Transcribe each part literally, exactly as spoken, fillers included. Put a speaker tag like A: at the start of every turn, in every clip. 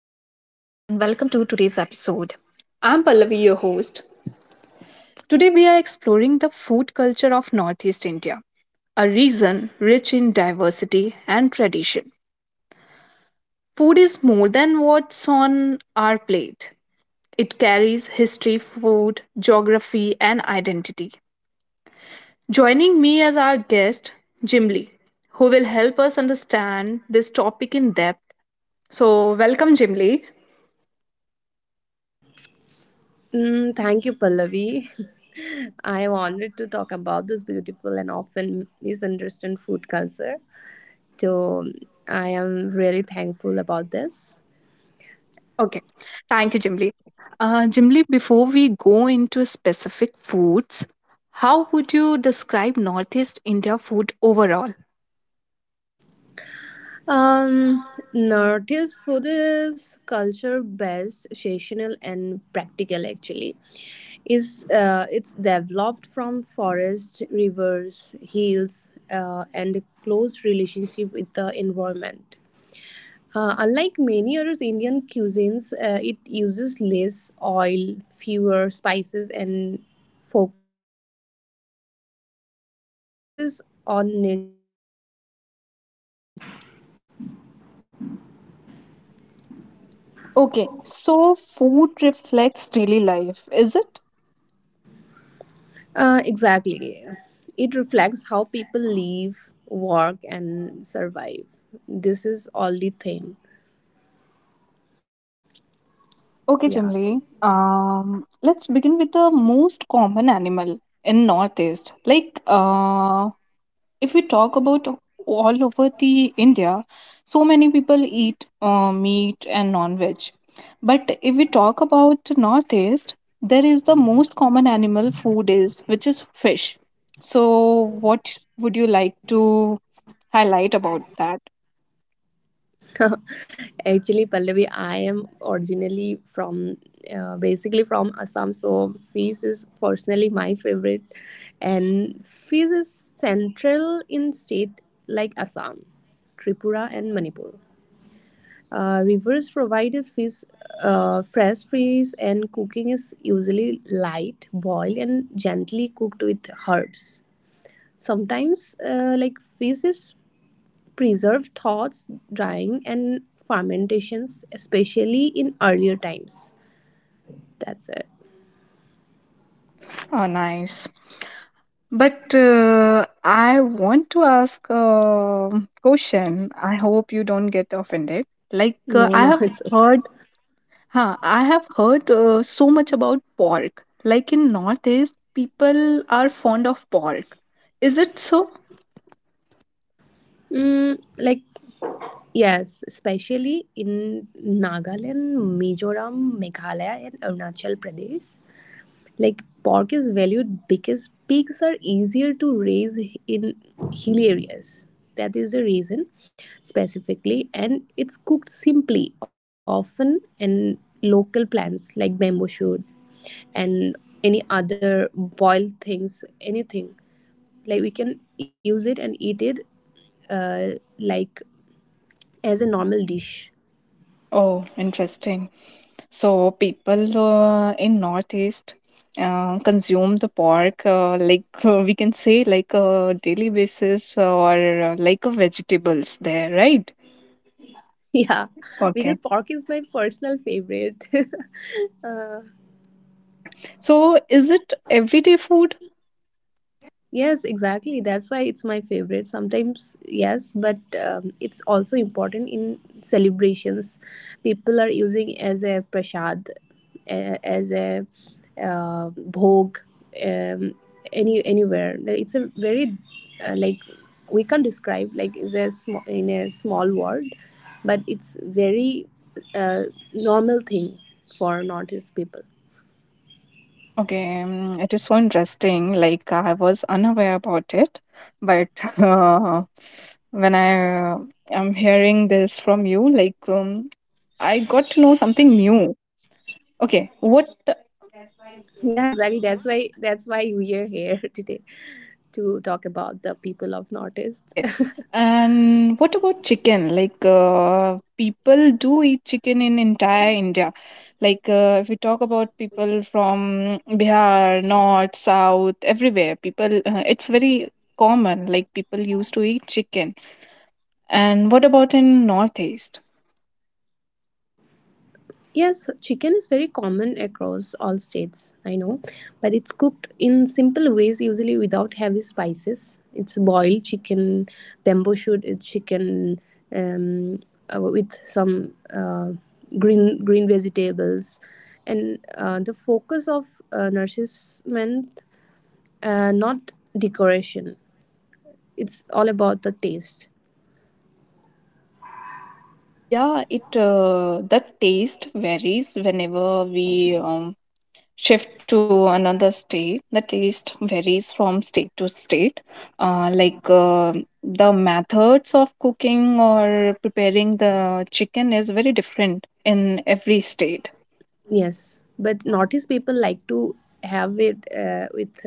A: and welcome to today's episode. I'm Pallavi, your host. Today, we are exploring the food culture of Northeast India, a region rich in diversity and tradition. Food is more than what's on our plate, it carries history, food, geography, and identity. Joining me as our guest, Jim Lee, who will help us understand this topic in depth. So, welcome, Jim Lee.
B: Mm, thank you, Pallavi. I am honored to talk about this beautiful and often misunderstood food culture. So I am really thankful about this.
A: Okay. Thank you, Jimli. Uh, Jimli, before we go into specific foods, how would you describe Northeast India food overall?
B: Um, Northeast food is culture based, seasonal, and practical. Actually, is uh, it's developed from forests, rivers, hills, uh, and a close relationship with the environment. Uh, unlike many other Indian cuisines, uh, it uses less oil, fewer spices, and focuses on
A: Okay, so food reflects daily life, is it?
C: Uh, exactly. It reflects how people live, work, and survive. This is all the thing. Yeah.
A: Okay, Jimli. Um, let's begin with the most common animal in Northeast, like uh, if we talk about all over the India, so many people eat uh, meat and non-veg. But if we talk about Northeast, there is the most common animal food is which is fish. So what would you like to highlight about that?
C: Actually, Pallavi, I am originally from, uh, basically from Assam. So, fish is personally my favorite. And fish is central in state like Assam, Tripura, and Manipur. Uh, rivers provide us fish, uh, fresh fish, and cooking is usually light, boiled, and gently cooked with herbs. Sometimes, uh, like fish is preserved thoughts, drying, and fermentations, especially in earlier times. That's it.
A: Oh, nice. But uh, I want to ask a question. I hope you don't get offended. Like uh, I
C: No, no,
A: have
C: it's okay.
A: heard Huh, I have heard uh, so much about pork. Like in Northeast, people are fond of pork. Is it so?
C: Mm, like yes, especially in Nagaland, Mizoram, Meghalaya, and Arunachal Pradesh. Like pork is valued because pigs are easier to raise in hilly areas. That is the reason specifically, and it's cooked simply, often and local plants like bamboo shoot and any other boiled things, anything. Like we can use it and eat it uh, like as a normal dish.
A: Oh, interesting. So people uh, in Northeast uh, consume the pork uh, like uh, we can say like a daily basis uh, or uh, like a vegetables there, right?
C: Yeah,
A: Okay.
C: because pork is my personal favorite. uh,
A: Okay. So is it everyday food?
C: Yes, exactly. That's why it's my favorite. Sometimes, yes, but um, it's also important in celebrations. People are using as a prashad, uh, as a uh, bhog, um, any anywhere. Like, it's a very uh, like we can't describe like is a small in a small word, but it's very uh, normal thing for Northeast people.
A: Okay, um, it is so interesting. Like I was unaware about it, but uh, when I uh, am hearing this from you, like um, I got to know something new. Okay,
C: Yeah,
A: what?
C: exactly. That's why that's why we are here today, to talk about the people of Northeast.
A: Okay, and what about chicken? Like uh, people do eat chicken in entire India. Like uh, if we talk about people from Bihar, North, South, everywhere, people uh, it's very common. Like people used to eat chicken. And what about in Northeast?
C: Yes, chicken is very common across all states, I know, but it's cooked in simple ways, usually without heavy spices. It's boiled chicken, bamboo shoot, it's chicken um, uh, with some uh, green green vegetables, and uh, the focus of uh, nourishment, uh, not decoration. It's all about the taste.
A: Yeah, it uh, the taste varies whenever we um, shift to another state. The taste varies from state to state. Uh, like uh, the methods of cooking or preparing the chicken is very different in every state.
C: Yes, but notice people like to have it uh, with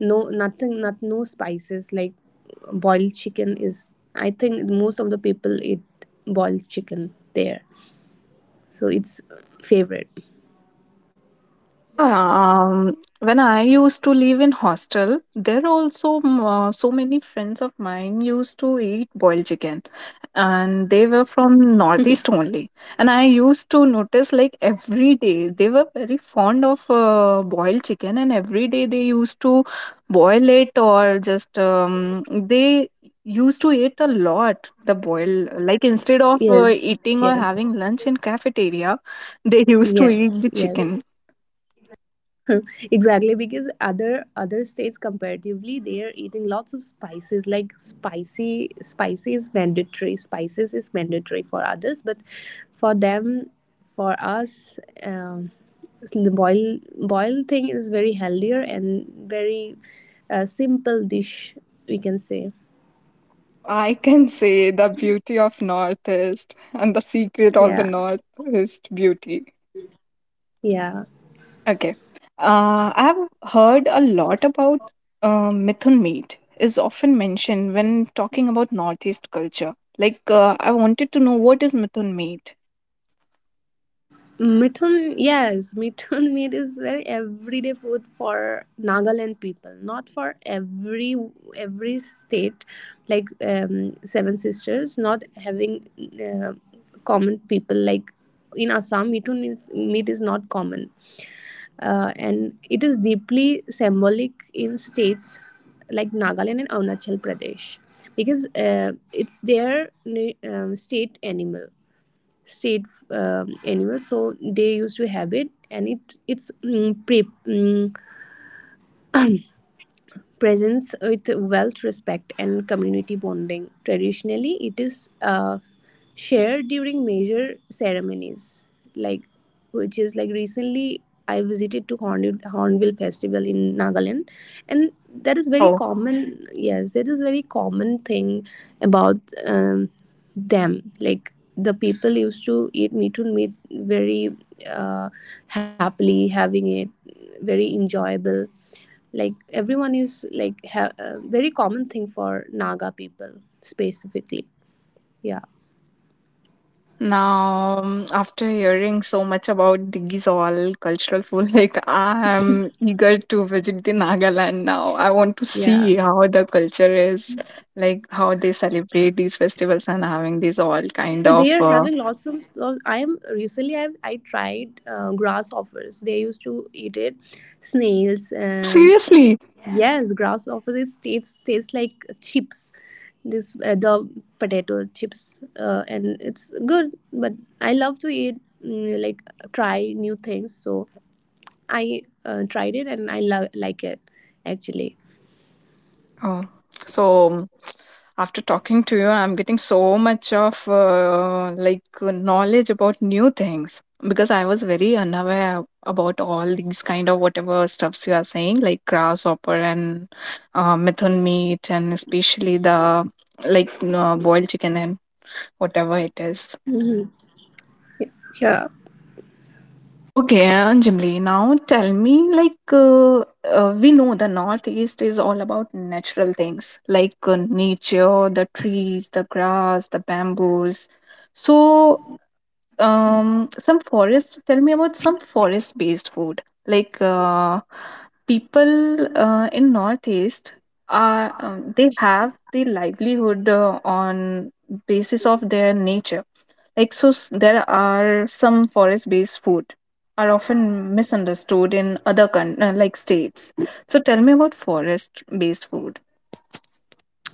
C: no nothing, not no spices. Like boiled chicken is, I think most of the people eat boiled chicken there, so it's favorite.
A: Yeah, um, when I used to live in hostel, there also m- uh, so many friends of mine used to eat boiled chicken, and they were from northeast only. And I used to notice like every day they were very fond of uh, boiled chicken, and every day they used to boil it or just um, they used to eat a lot the boil, like instead of
C: Yes,
A: uh, eating
C: yes,
A: or having lunch in cafeteria, they used to
C: yes,
A: eat the
C: yes.
A: chicken.
C: Exactly, because other other states comparatively they are eating lots of spices. Like spicy spicy is mandatory, spices is mandatory for others, but for them, for us, um, the boil boil thing is very healthier and very uh, simple dish, we can say.
A: So I can say the beauty of Northeast and the secret of the
C: Yeah,
A: Northeast beauty.
C: yeah.
A: Okay. Uh, I've heard a lot about uh, Mithun meat is often mentioned when talking about Northeast culture. Like, uh, I wanted to know what is Mithun meat?
C: Mithun, yes, mithun meat is very everyday food for Nagaland people. Not for every every state, like um, Seven Sisters, not having uh, common people like in Assam. Mithun is, meat is not common, uh, and it is deeply symbolic in states like Nagaland and Arunachal Pradesh because uh, it's their na- um, state animal, state um, animals, so they used to have it, and it it's mm, pre, mm, presence with wealth, respect, and community bonding. Traditionally, it is uh, shared during major ceremonies, like which is like recently I visited to Horn- Hornbill Festival in Nagaland, and that is very
A: Wow.
C: common. Yes, that is very common thing about um, them. Like the people used to eat meat on meat very uh, happily, having it very enjoyable, like everyone is like ha- a very common thing for naga people specifically, yeah,
A: Now, um, after hearing so much about these all cultural food, like I am eager to visit the Nagaland now. I want to see
C: yeah.
A: how the culture is, like how they celebrate these festivals and having these all kind
C: But
A: of.
C: they are
A: Uh,
C: having lots of, so I am recently I, I tried uh, grasshoppers, they used to eat it, snails,
A: oh,
C: um,
A: seriously?
C: yes, grasshoppers, it tastes tastes like chips, this uh, the potato chips, uh, and it's good, but I love to eat, mm, like, try new things, so I uh, tried it and I lo- like it actually.
A: Oh, so after talking to you, I'm getting so much of uh, like uh, knowledge about new things because I was very unaware about all these kind of whatever stuffs you are saying, like grasshopper and uh, mutton meat, and especially the like uh, boiled chicken and whatever it
C: Mhm.
A: is.
C: Yeah.
A: Okay, Anjali, now tell me like uh, uh, we know the Northeast is all about natural things like uh, nature, the trees, the grass, the bamboos. So, um, some forest, tell me about some forest-based food. Like uh, people uh, in Northeast are um, they have the livelihood uh, on basis of their nature like so, s- there are some forest-based food are often misunderstood in other coun uh, like states. So tell me about forest-based food.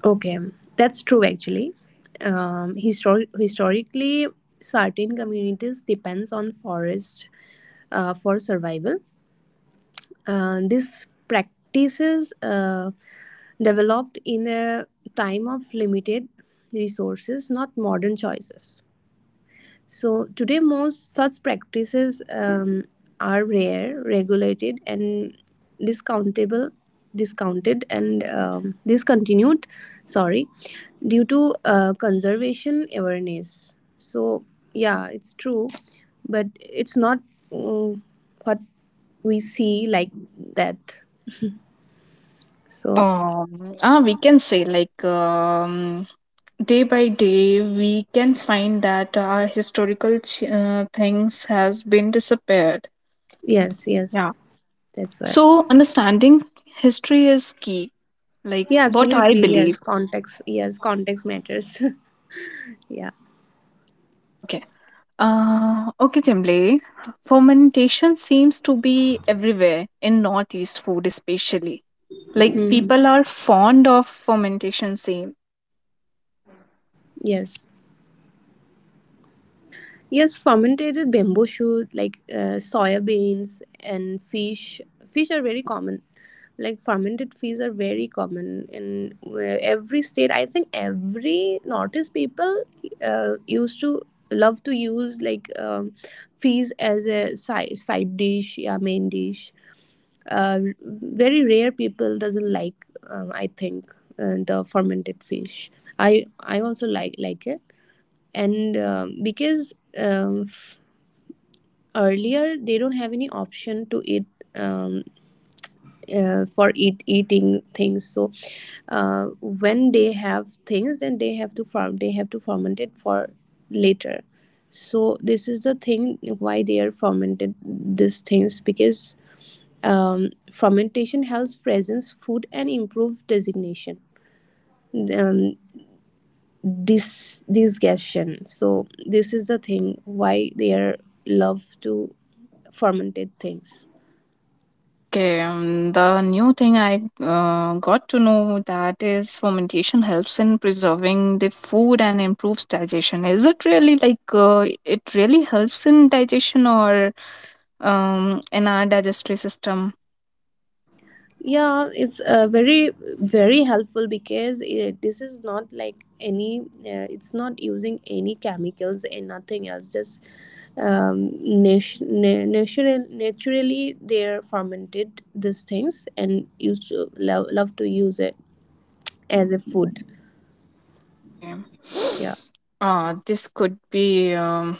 C: Okay, that's true actually. Um, histor- historically, certain communities depends on forest uh, for survival. Uh, these practices uh, developed in a time of limited resources, not modern choices. So today, most such practices um, are rare, regulated, and discountable, discounted, and um, discontinued. Sorry, due to uh, conservation awareness. So yeah, it's true, but it's not, mm, what we see like that. So
A: Um, ah, we can say like um, day by day we can find that our historical ch uh, things has been disappeared.
C: yes,
A: Yeah.
C: yes, that's why.
A: So understanding history is key. Like
C: Yeah,
A: what I
C: absolutely.
A: believe.
C: Yes, context. Yes, context matters. Yeah.
A: Okay. Uh, okay, Jimle. Fermentation seems to be everywhere in Northeast food, especially. Like
C: Mhm.
A: people are fond of fermentation. Same.
C: Yes. Yes, fermented bamboo shoot, like uh, soybeans and fish. Fish are very common. Like fermented fish are very common in where every state. I think every northeast people uh, used to love to use, like um, fish as a side side dish, yeah, main dish. Uh, very rare people doesn't like. Um, I think uh, the fermented fish. I I also like like it, and um, because um, f- earlier they don't have any option to eat, um, uh, for eat eating things, so uh, when they have things, then they have to farm they have to ferment it for later. So this is the thing why they are fermented these things, because um, fermentation helps presence food and improve designation, um, this discussion. So this is the thing why they are love to fermented things.
A: Okay. Um, the new thing I uh, got to know that is fermentation helps in preserving the food and improves digestion. Is it really like uh, it really helps in digestion or um in our digestive system?
C: Yeah, it's uh, very very helpful, because uh this is not like any. Uh, it's not using any chemicals and nothing else. Just um, nat- na- natural, naturally they're fermented these things and used to love love to use it as a food.
A: Okay.
C: Yeah.
A: Uh, this could be. Um,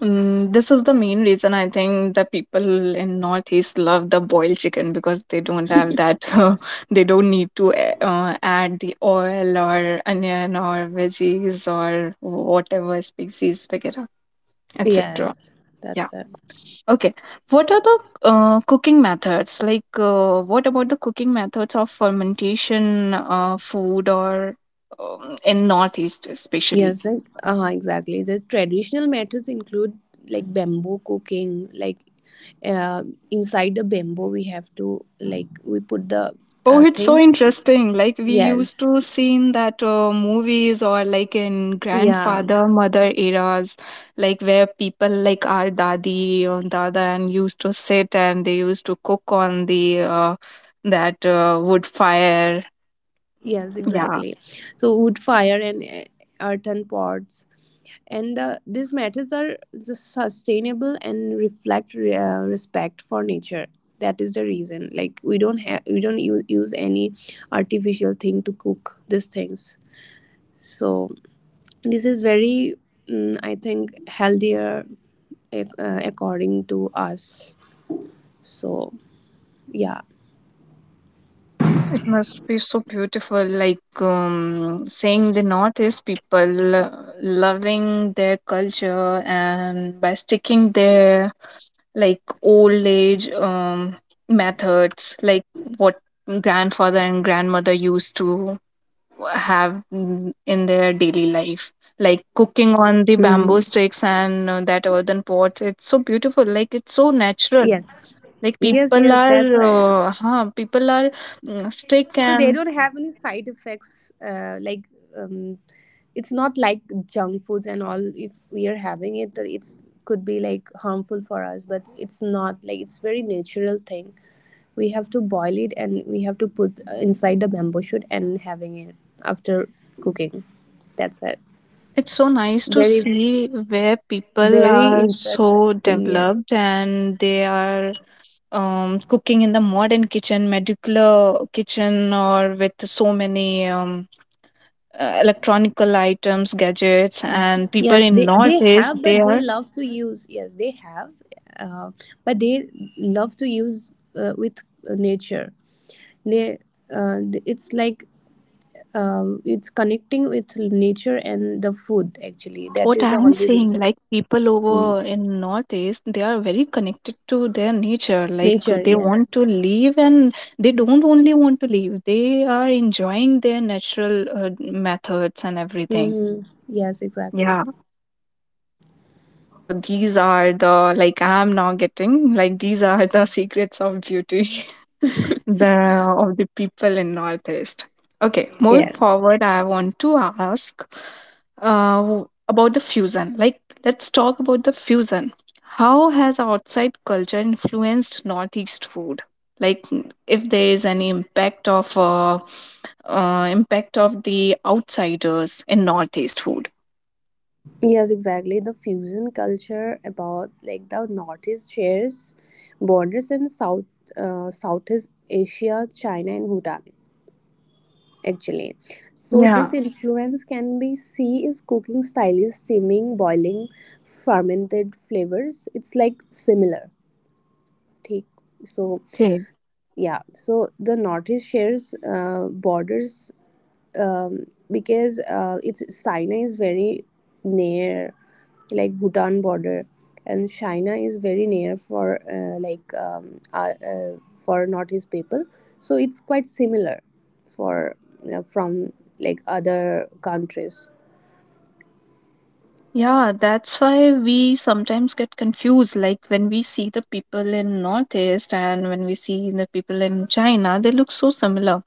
A: Mm, This is the main reason I think the people in Northeast love the boiled chicken because they don't have that. They don't need to a- uh, add the oil or onion or veggies or whatever species, et cetera, et cetera.
C: Yes,
A: Yeah.
C: that's it.
A: Okay. What are the uh, cooking methods? Like, uh, what about the cooking methods of fermentation uh, food or um, in Northeast especially?
C: Yes, like, uh, exactly. The traditional methods include, like bamboo cooking, like uh, inside the bamboo, we have to like we put the
A: Oh,
C: uh,
A: it's so
C: things.
A: interesting. Like we used
C: Yes,
A: to see in that uh, movies or like in
C: yeah,
A: grandfather mother eras, like where people like our dadi or dada and used to sit and they used to cook on the uh, that uh, wood fire.
C: yes,
A: Yeah.
C: exactly. So wood fire and uh, earthen pots, and the, these methods are just sustainable and reflect re- uh, respect for nature. That is the reason. Like we don't have, we don't use, use any artificial thing to cook these things. So, this is very, mm, I think healthier ac- uh, according to us, so yeah.
A: It must be so beautiful, like um, seeing the Northeast people uh, loving their culture and by sticking there like old age um, methods, like what grandfather and grandmother used to have mm, in their daily life. Like cooking on the
C: Mhm.
A: bamboo sticks and uh, that earthen pots, it's so beautiful. Like it's so natural.
C: Yes,
A: Like
C: yes,
A: people
C: yes, that's
A: are,
C: why,
A: uh, huh, people are mm, stick
C: so they
A: and
C: don't have any side effects uh, like, um, it's not like junk foods and all. If we are having it, it's could be like harmful for us, but it's not like, it's very natural thing. We have to boil it and we have to put uh, inside the bamboo shoot and having it after cooking. That's it.
A: it's so nice to
C: Very,
A: see where people
C: very
A: are
C: interesting.
A: so
C: Yes.
A: developed and they are um, cooking in the modern kitchen, modular kitchen, or with so many um, uh, electronical items, gadgets, and people
C: Yes,
A: in
C: they, they
A: Northeast,
C: have,
A: they
C: but they
A: are.
C: love to use. Yes, they have, uh, but they love to use uh, with nature. They, uh, it's like, um, it's connecting with nature and the food.
A: Yeah,
C: Actually,
A: that's
C: that
A: what
C: is the
A: I'm
C: only
A: saying.
C: reason.
A: Like people
C: Mm.
A: over in Northeast, they are very connected to their nature. Like
C: Nature,
A: they
C: yes.
A: want to leave, and they don't only want to leave. They are enjoying their natural uh, methods and everything.
C: Mm-hmm. Yes, exactly.
A: Yeah. Okay. So these are the, like I'm now getting, like these are the secrets of beauty the of the people in northeast. Okay, moving
C: Yes.
A: forward I want to ask uh, w- about the fusion. Like, let's talk about the fusion. How has outside culture influenced northeast food, like mm, if there is any impact of uh, uh, impact of the outsiders in northeast food?
C: Yes, exactly. The fusion culture about, like the Northeast shares borders in South uh, Southeast Asia, China, and Bhutan. Actually, so
A: Yeah.
C: this influence can be see is cooking styles, steaming, boiling, fermented flavors. It's like similar. ठीक. So
A: Yeah. Okay.
C: yeah, so the Northeast shares uh, borders, um, because uh, it's China is very near, like Bhutan border, and China is very near for uh, like, um, uh, uh, for northeast people. So it's quite similar for uh, from like other countries.
A: Yeah, that's why we sometimes get confused. Like when we see the people in Northeast and when we see the people in China, they look so similar.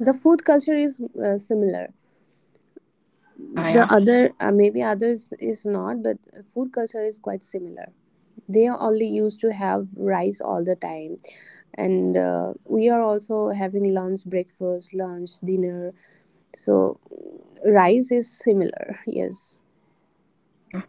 C: The food culture is uh, similar.
A: Yeah, yeah,
C: The
A: yeah.
C: other uh, maybe others is not, but food culture is quite similar. They are only used to have rice all the time, and uh, we are also having lunch, breakfast, lunch, dinner, so rice is similar. Yes.
A: Okay.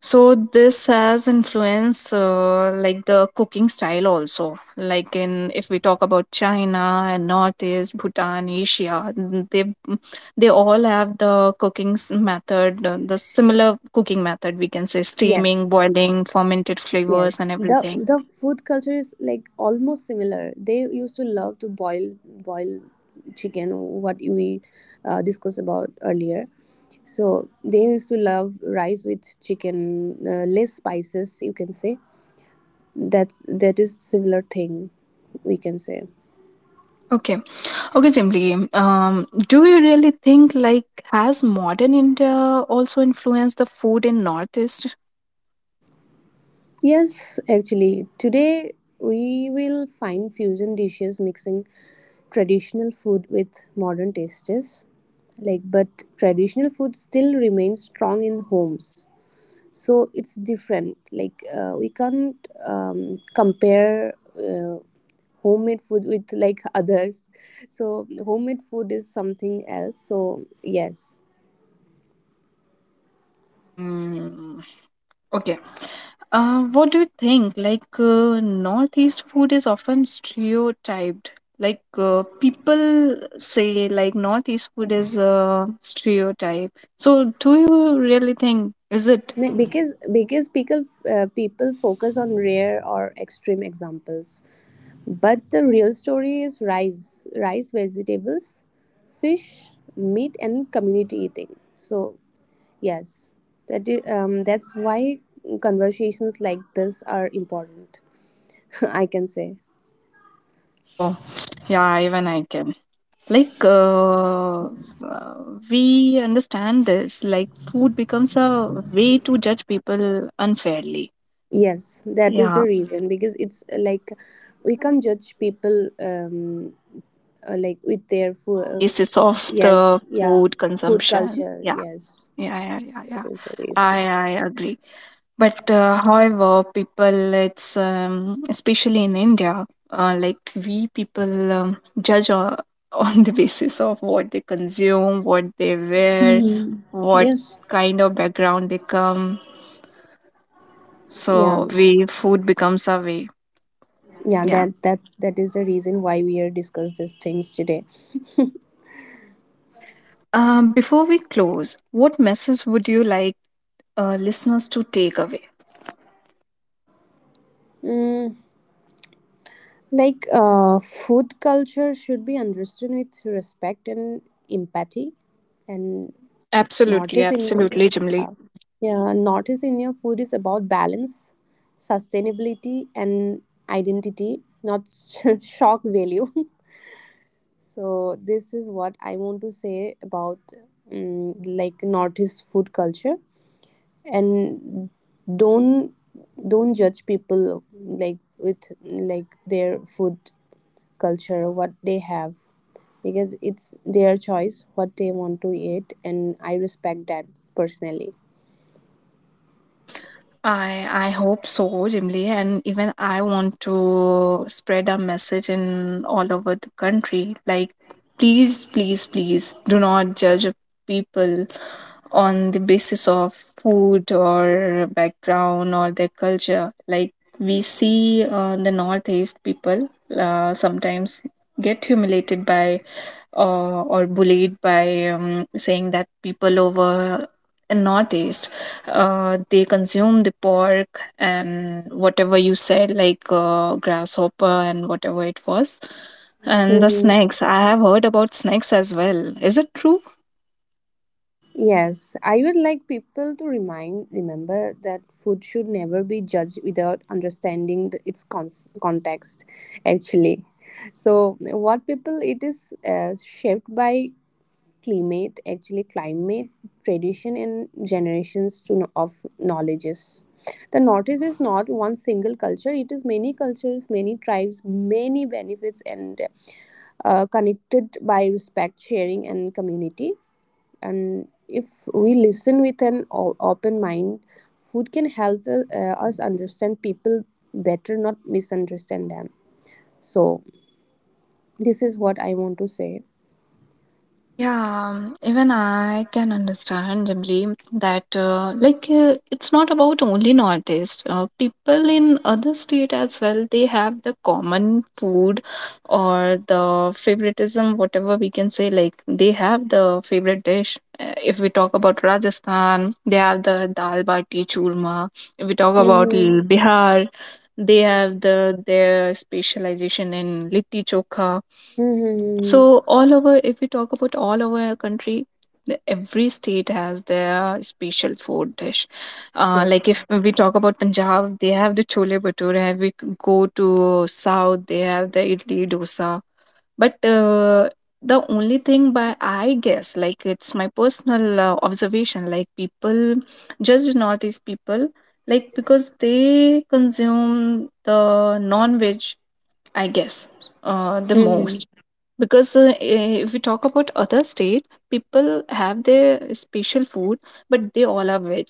A: So this has influenced uh, like the cooking style also. Like in if we talk about China and Northeast, Bhutan, Asia, n- they mm, they all have the cooking s- method, uh, the similar cooking method we can say steaming,
C: Yes.
A: boiling, fermented flavors and
C: Yes. The
A: everything.
C: the food culture is like almost similar. They used to love to boil boil chicken, what we uh, discussed about earlier, so they used to love rice with chicken, uh, less spices you can say. That's, that is similar thing, we can say.
A: Okay. Okay, simply. Um, do you really think like has modern India also influenced the food in Northeast?
C: Yes, actually, today we will find fusion dishes mixing traditional food with modern tastes. Like, but traditional food still remains strong in homes, so it's different. Like, uh, we can't um, compare uh, homemade food with like others. So, homemade food is something else. So, yes.
A: Hmm. Okay. Uh, what do you think? Like uh, Northeast food is often stereotyped. Like uh, people say, like Northeast food is a stereotype. So, do you really think is it?
C: Ne- Because because people uh, people focus on rare or extreme examples. But the real story is rice, rice, vegetables, fish, meat, and community eating. So yes, that is, um, that's why conversations like this are important. I can say
A: Oh, yeah. Even I can. Like uh, uh, we understand this, like food becomes a way to judge people unfairly.
C: yes, that is the
A: Yeah.
C: reason, because it's uh, like we can't judge people, um, uh, like with their
A: On
C: food.
A: the
C: Uh,
A: basis of
C: Yes,
A: the
C: yeah,
A: food
C: food
A: consumption.
C: culture.
A: Yeah,
C: Yes,
A: yeah, yeah, yeah, yeah.
C: that is the reason.
A: I, I agree. But uh, however, people, it's um, especially in India, uh, like we people um, judge on, on the basis of what they consume, what they wear,
C: Mhm.
A: what
C: Yes,
A: kind of background they come.
C: yeah.
A: So we food becomes our way.
C: Yeah,
A: Yeah.
C: that that that is the reason why we are discuss these things today.
A: Okay. Um, before we close, what message would you like uh, listeners to take away?
C: mm, like uh, food culture should be understood with respect and empathy, and not as
A: Absolutely,
C: in
A: absolutely,
C: uh,
A: Jimli.
C: yeah, not as in, your food is about balance, sustainability, and identity, not shock value. So this is what I want to say about, mm like northeast food culture, and don't don't judge people like with like their food culture, what they have, because it's their choice what they want to eat, and I respect that personally.
A: I I hope so, Jimli, and even I want to spread a message in all over the country. Like, please, please, please, do not judge people on the basis of food or background or their culture. Like we see uh, the northeast people uh, sometimes get humiliated by uh, or bullied by um, saying that people over in northeast uh, they consume the pork and whatever you said like uh, grasshopper and whatever it was, and the
C: Mm-hmm.
A: snakes. I have heard about snakes as well. Is it true?
C: Yes, I would like people to remind remember that food should never be judged without understanding the, its con- context actually. So what people it is uh, shaped by climate, actually climate, tradition and generations to know of knowledges. The northeast is not one single culture, it is many cultures, many tribes, many benefits and uh, connected by respect, sharing and community. And if we listen with an o- open mind, food can help uh, us understand people better, not misunderstand them. So this is what I want to say.
A: Yeah, um, even I can understand, Jimli, that uh, like uh, it's not about only Northeast. Uh, people in other state as well they have the common food or the favoritism, whatever we can say. Like they have the favorite dish. Uh, If we talk about Rajasthan, they have the dal bati churma. If we talk about L-
C: Mm-hmm.
A: Bihar, they have the their specialization in litti chokha.
C: Mm-hmm.
A: So all over, if we talk about all over our country, the- every state has their special food dish. Uh, like
C: Yes.
A: if we talk about Punjab, they have the chole bhature. If we c- Go to South, they have the idli dosa. But uh, the only thing, by I guess, like it's my personal uh, observation, like people judge Northeast people, like because they consume the non-veg, I guess, uh, the most.
C: Mm-hmm.
A: Because uh, if we talk about other state, people have their special food, but they all are veg.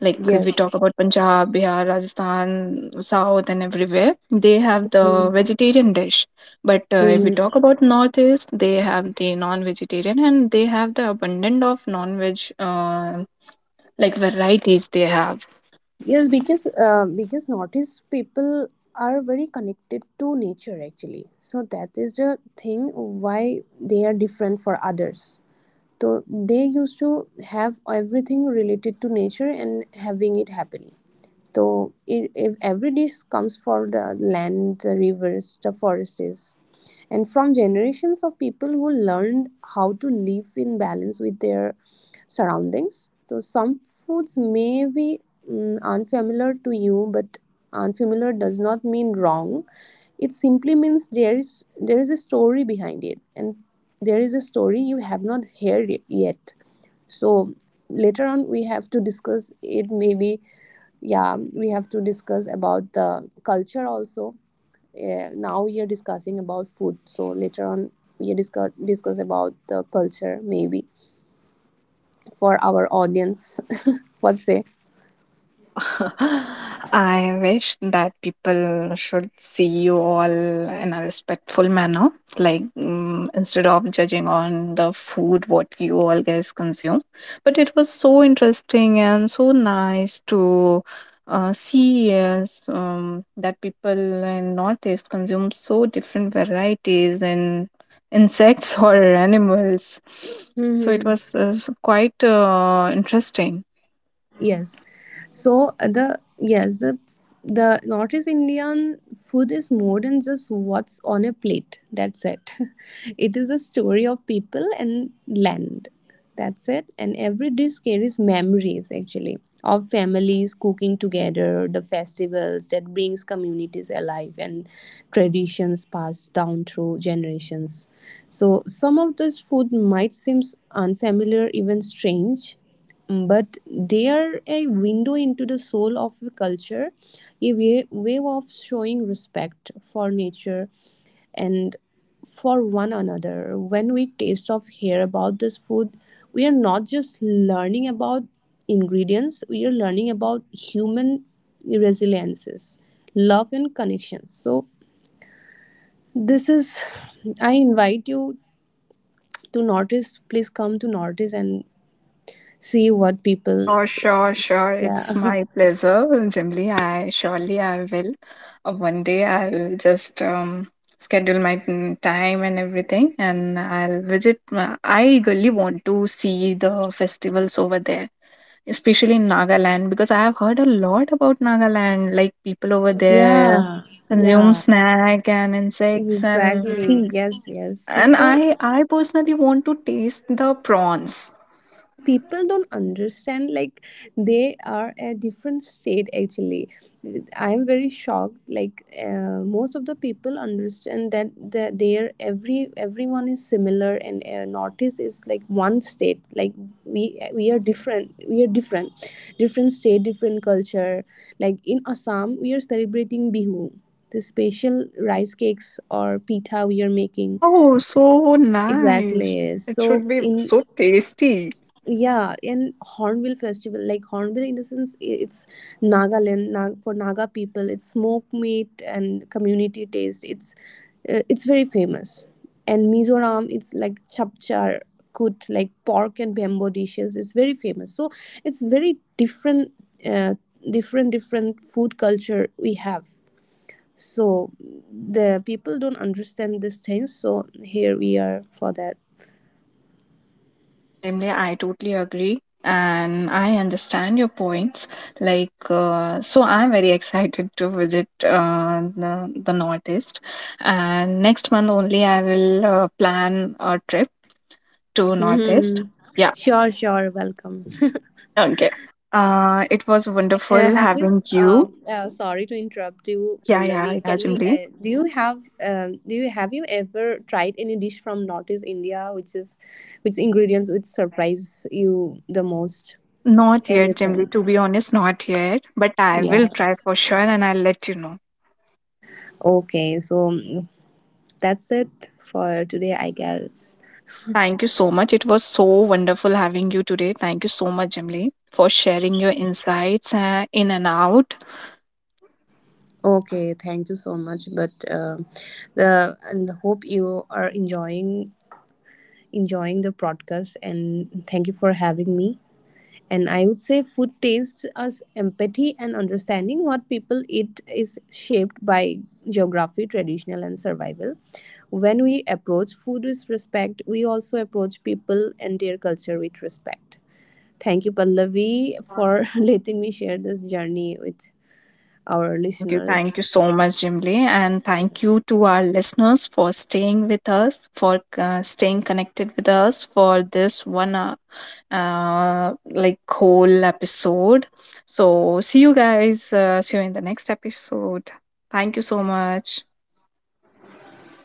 A: Like if we
C: Yes.
A: talk about Punjab, Bihar, Rajasthan, South, and everywhere, they have the
C: Mm-hmm.
A: vegetarian dish. But uh, if we talk
C: Mm-hmm.
A: about Northeast, they have the non-vegetarian, and they have the abundant of non-veg uh, like varieties they have.
C: Yes, because uh, because notice people are very connected to nature actually. So that is the thing why they are different for others. So they used to have everything related to nature and having it happily. So i- if every dish comes from the land, the rivers, the forests, and from generations of people who learned how to live in balance with their surroundings. So some foods may be mm, unfamiliar to you, but unfamiliar does not mean wrong. It simply means there is there is a story behind it, and there is a story you have not heard it yet. So later on, we have to discuss it maybe. Yeah, we have to discuss about the culture also. Uh, now we are discussing about food, so later on we discuss discuss about the culture maybe, for our audience. What say?
A: Yeah, I wish that people should see you all in a respectful manner, like mm instead of judging on the food what you all guys consume. But it was so interesting and so nice to uh, see yes, um, that people in Northeast consume so different varieties in insects or animals. So it
C: Mm-hmm.
A: was uh, s- quite uh, interesting.
C: Yes. So uh, the yes the the Northeast Indian food is more than just what's on a plate. That's it. It is a story of people and land. That's it. And every dish carries memories actually of families cooking together, the festivals that brings communities alive and traditions passed down through generations. So some of this food might seem unfamiliar, even strange, but they are a window into the soul of a culture, a way, way of showing respect for nature and for one another. When we taste of hear about this food, we are not just learning about ingredients, we are learning about human resiliences, love and connections. So this is, I invite you to notice, please come to notice and see what people.
A: Sure, sure, sure.
C: Yeah.
A: It's my pleasure, Jimly. I surely I will. Uh, One day I'll just um, schedule my mm, time and everything, and I'll visit. Uh, I eagerly want to see the festivals over there, especially in Nagaland, because I have heard a lot about Nagaland. Like people over there
C: Yeah,
A: consume
C: yeah,
A: snack and insects and
C: exactly.
A: see.
C: Yes, yes.
A: And
C: So
A: I, I personally want to taste the prawns.
C: people don't understand, like, they are a different state actually. I'm very shocked. Like, uh, most of the people understand that the, their every everyone is similar, and uh, Northeast is like one state. Like, we we are different. We are different, different state, different culture. Like in Assam, we are celebrating Bihu. The special rice cakes or pita we are making.
A: Wow, so nice.
C: Exactly.
A: It
C: So
A: should be
C: in,
A: so tasty.
C: yeah, in Hornbill festival, like Hornbill in the sense i- it's Nagaland, Nag for Naga people. It's smoke meat and community taste. It's uh, it's very famous. And Mizoram, it's like chapchar kut, like pork and bamboo dishes. It's very famous. So it's very different, uh, different different food culture we have. So the people don't understand these things. So here we are for that.
A: No, Jimli, I totally agree. And I understand your points. Like, uh, so I'm very excited to visit uh, the, the Northeast. And next month only, I will uh, plan a trip to Northeast.
C: Mm-hmm.
A: Yeah.
C: Sure, sure. Welcome.
A: Okay. Uh, it was
C: Uh,
A: wonderful
C: have you?
A: having
C: Uh,
A: you.
C: uh, sorry to interrupt you,
A: Yeah, yeah,
C: Pallavi.
A: yeah,
C: Can you?
A: Jimli.
C: Uh, do you have? Um, do you have you ever tried any dish from Northeast India, which is, which ingredients would surprise you the most?
A: Not yet, Jimly.
C: Anything?
A: To be honest, not yet. But I will
C: Yeah.
A: try for sure and I'll let you know.
C: Okay. So mm, that's it for today, I
A: Okay.
C: guess.
A: Thank you so much. It was so wonderful having you today. Thank you so much, Jimly, for sharing your insights uh, in and out.
C: Okay. Thank you so much. But uh, the I hope you are enjoying enjoying the podcast, and thank you for having me. And I would say food tastes as empathy and understanding what people eat is shaped by geography, traditional, and survival. When we approach food with respect, we also approach people and their culture with respect. Thank you, Pallavi, for letting me share this journey with our
A: Thank you. Thank you
C: listeners.
A: so much, Jimli. And
C: Yeah,
A: thank you to our listeners for staying with us, for uh, staying connected with us for this one, uh, uh, like whole episode. So, see you guys. Uh, see you in the next episode. Thank you so much.
C: thank you.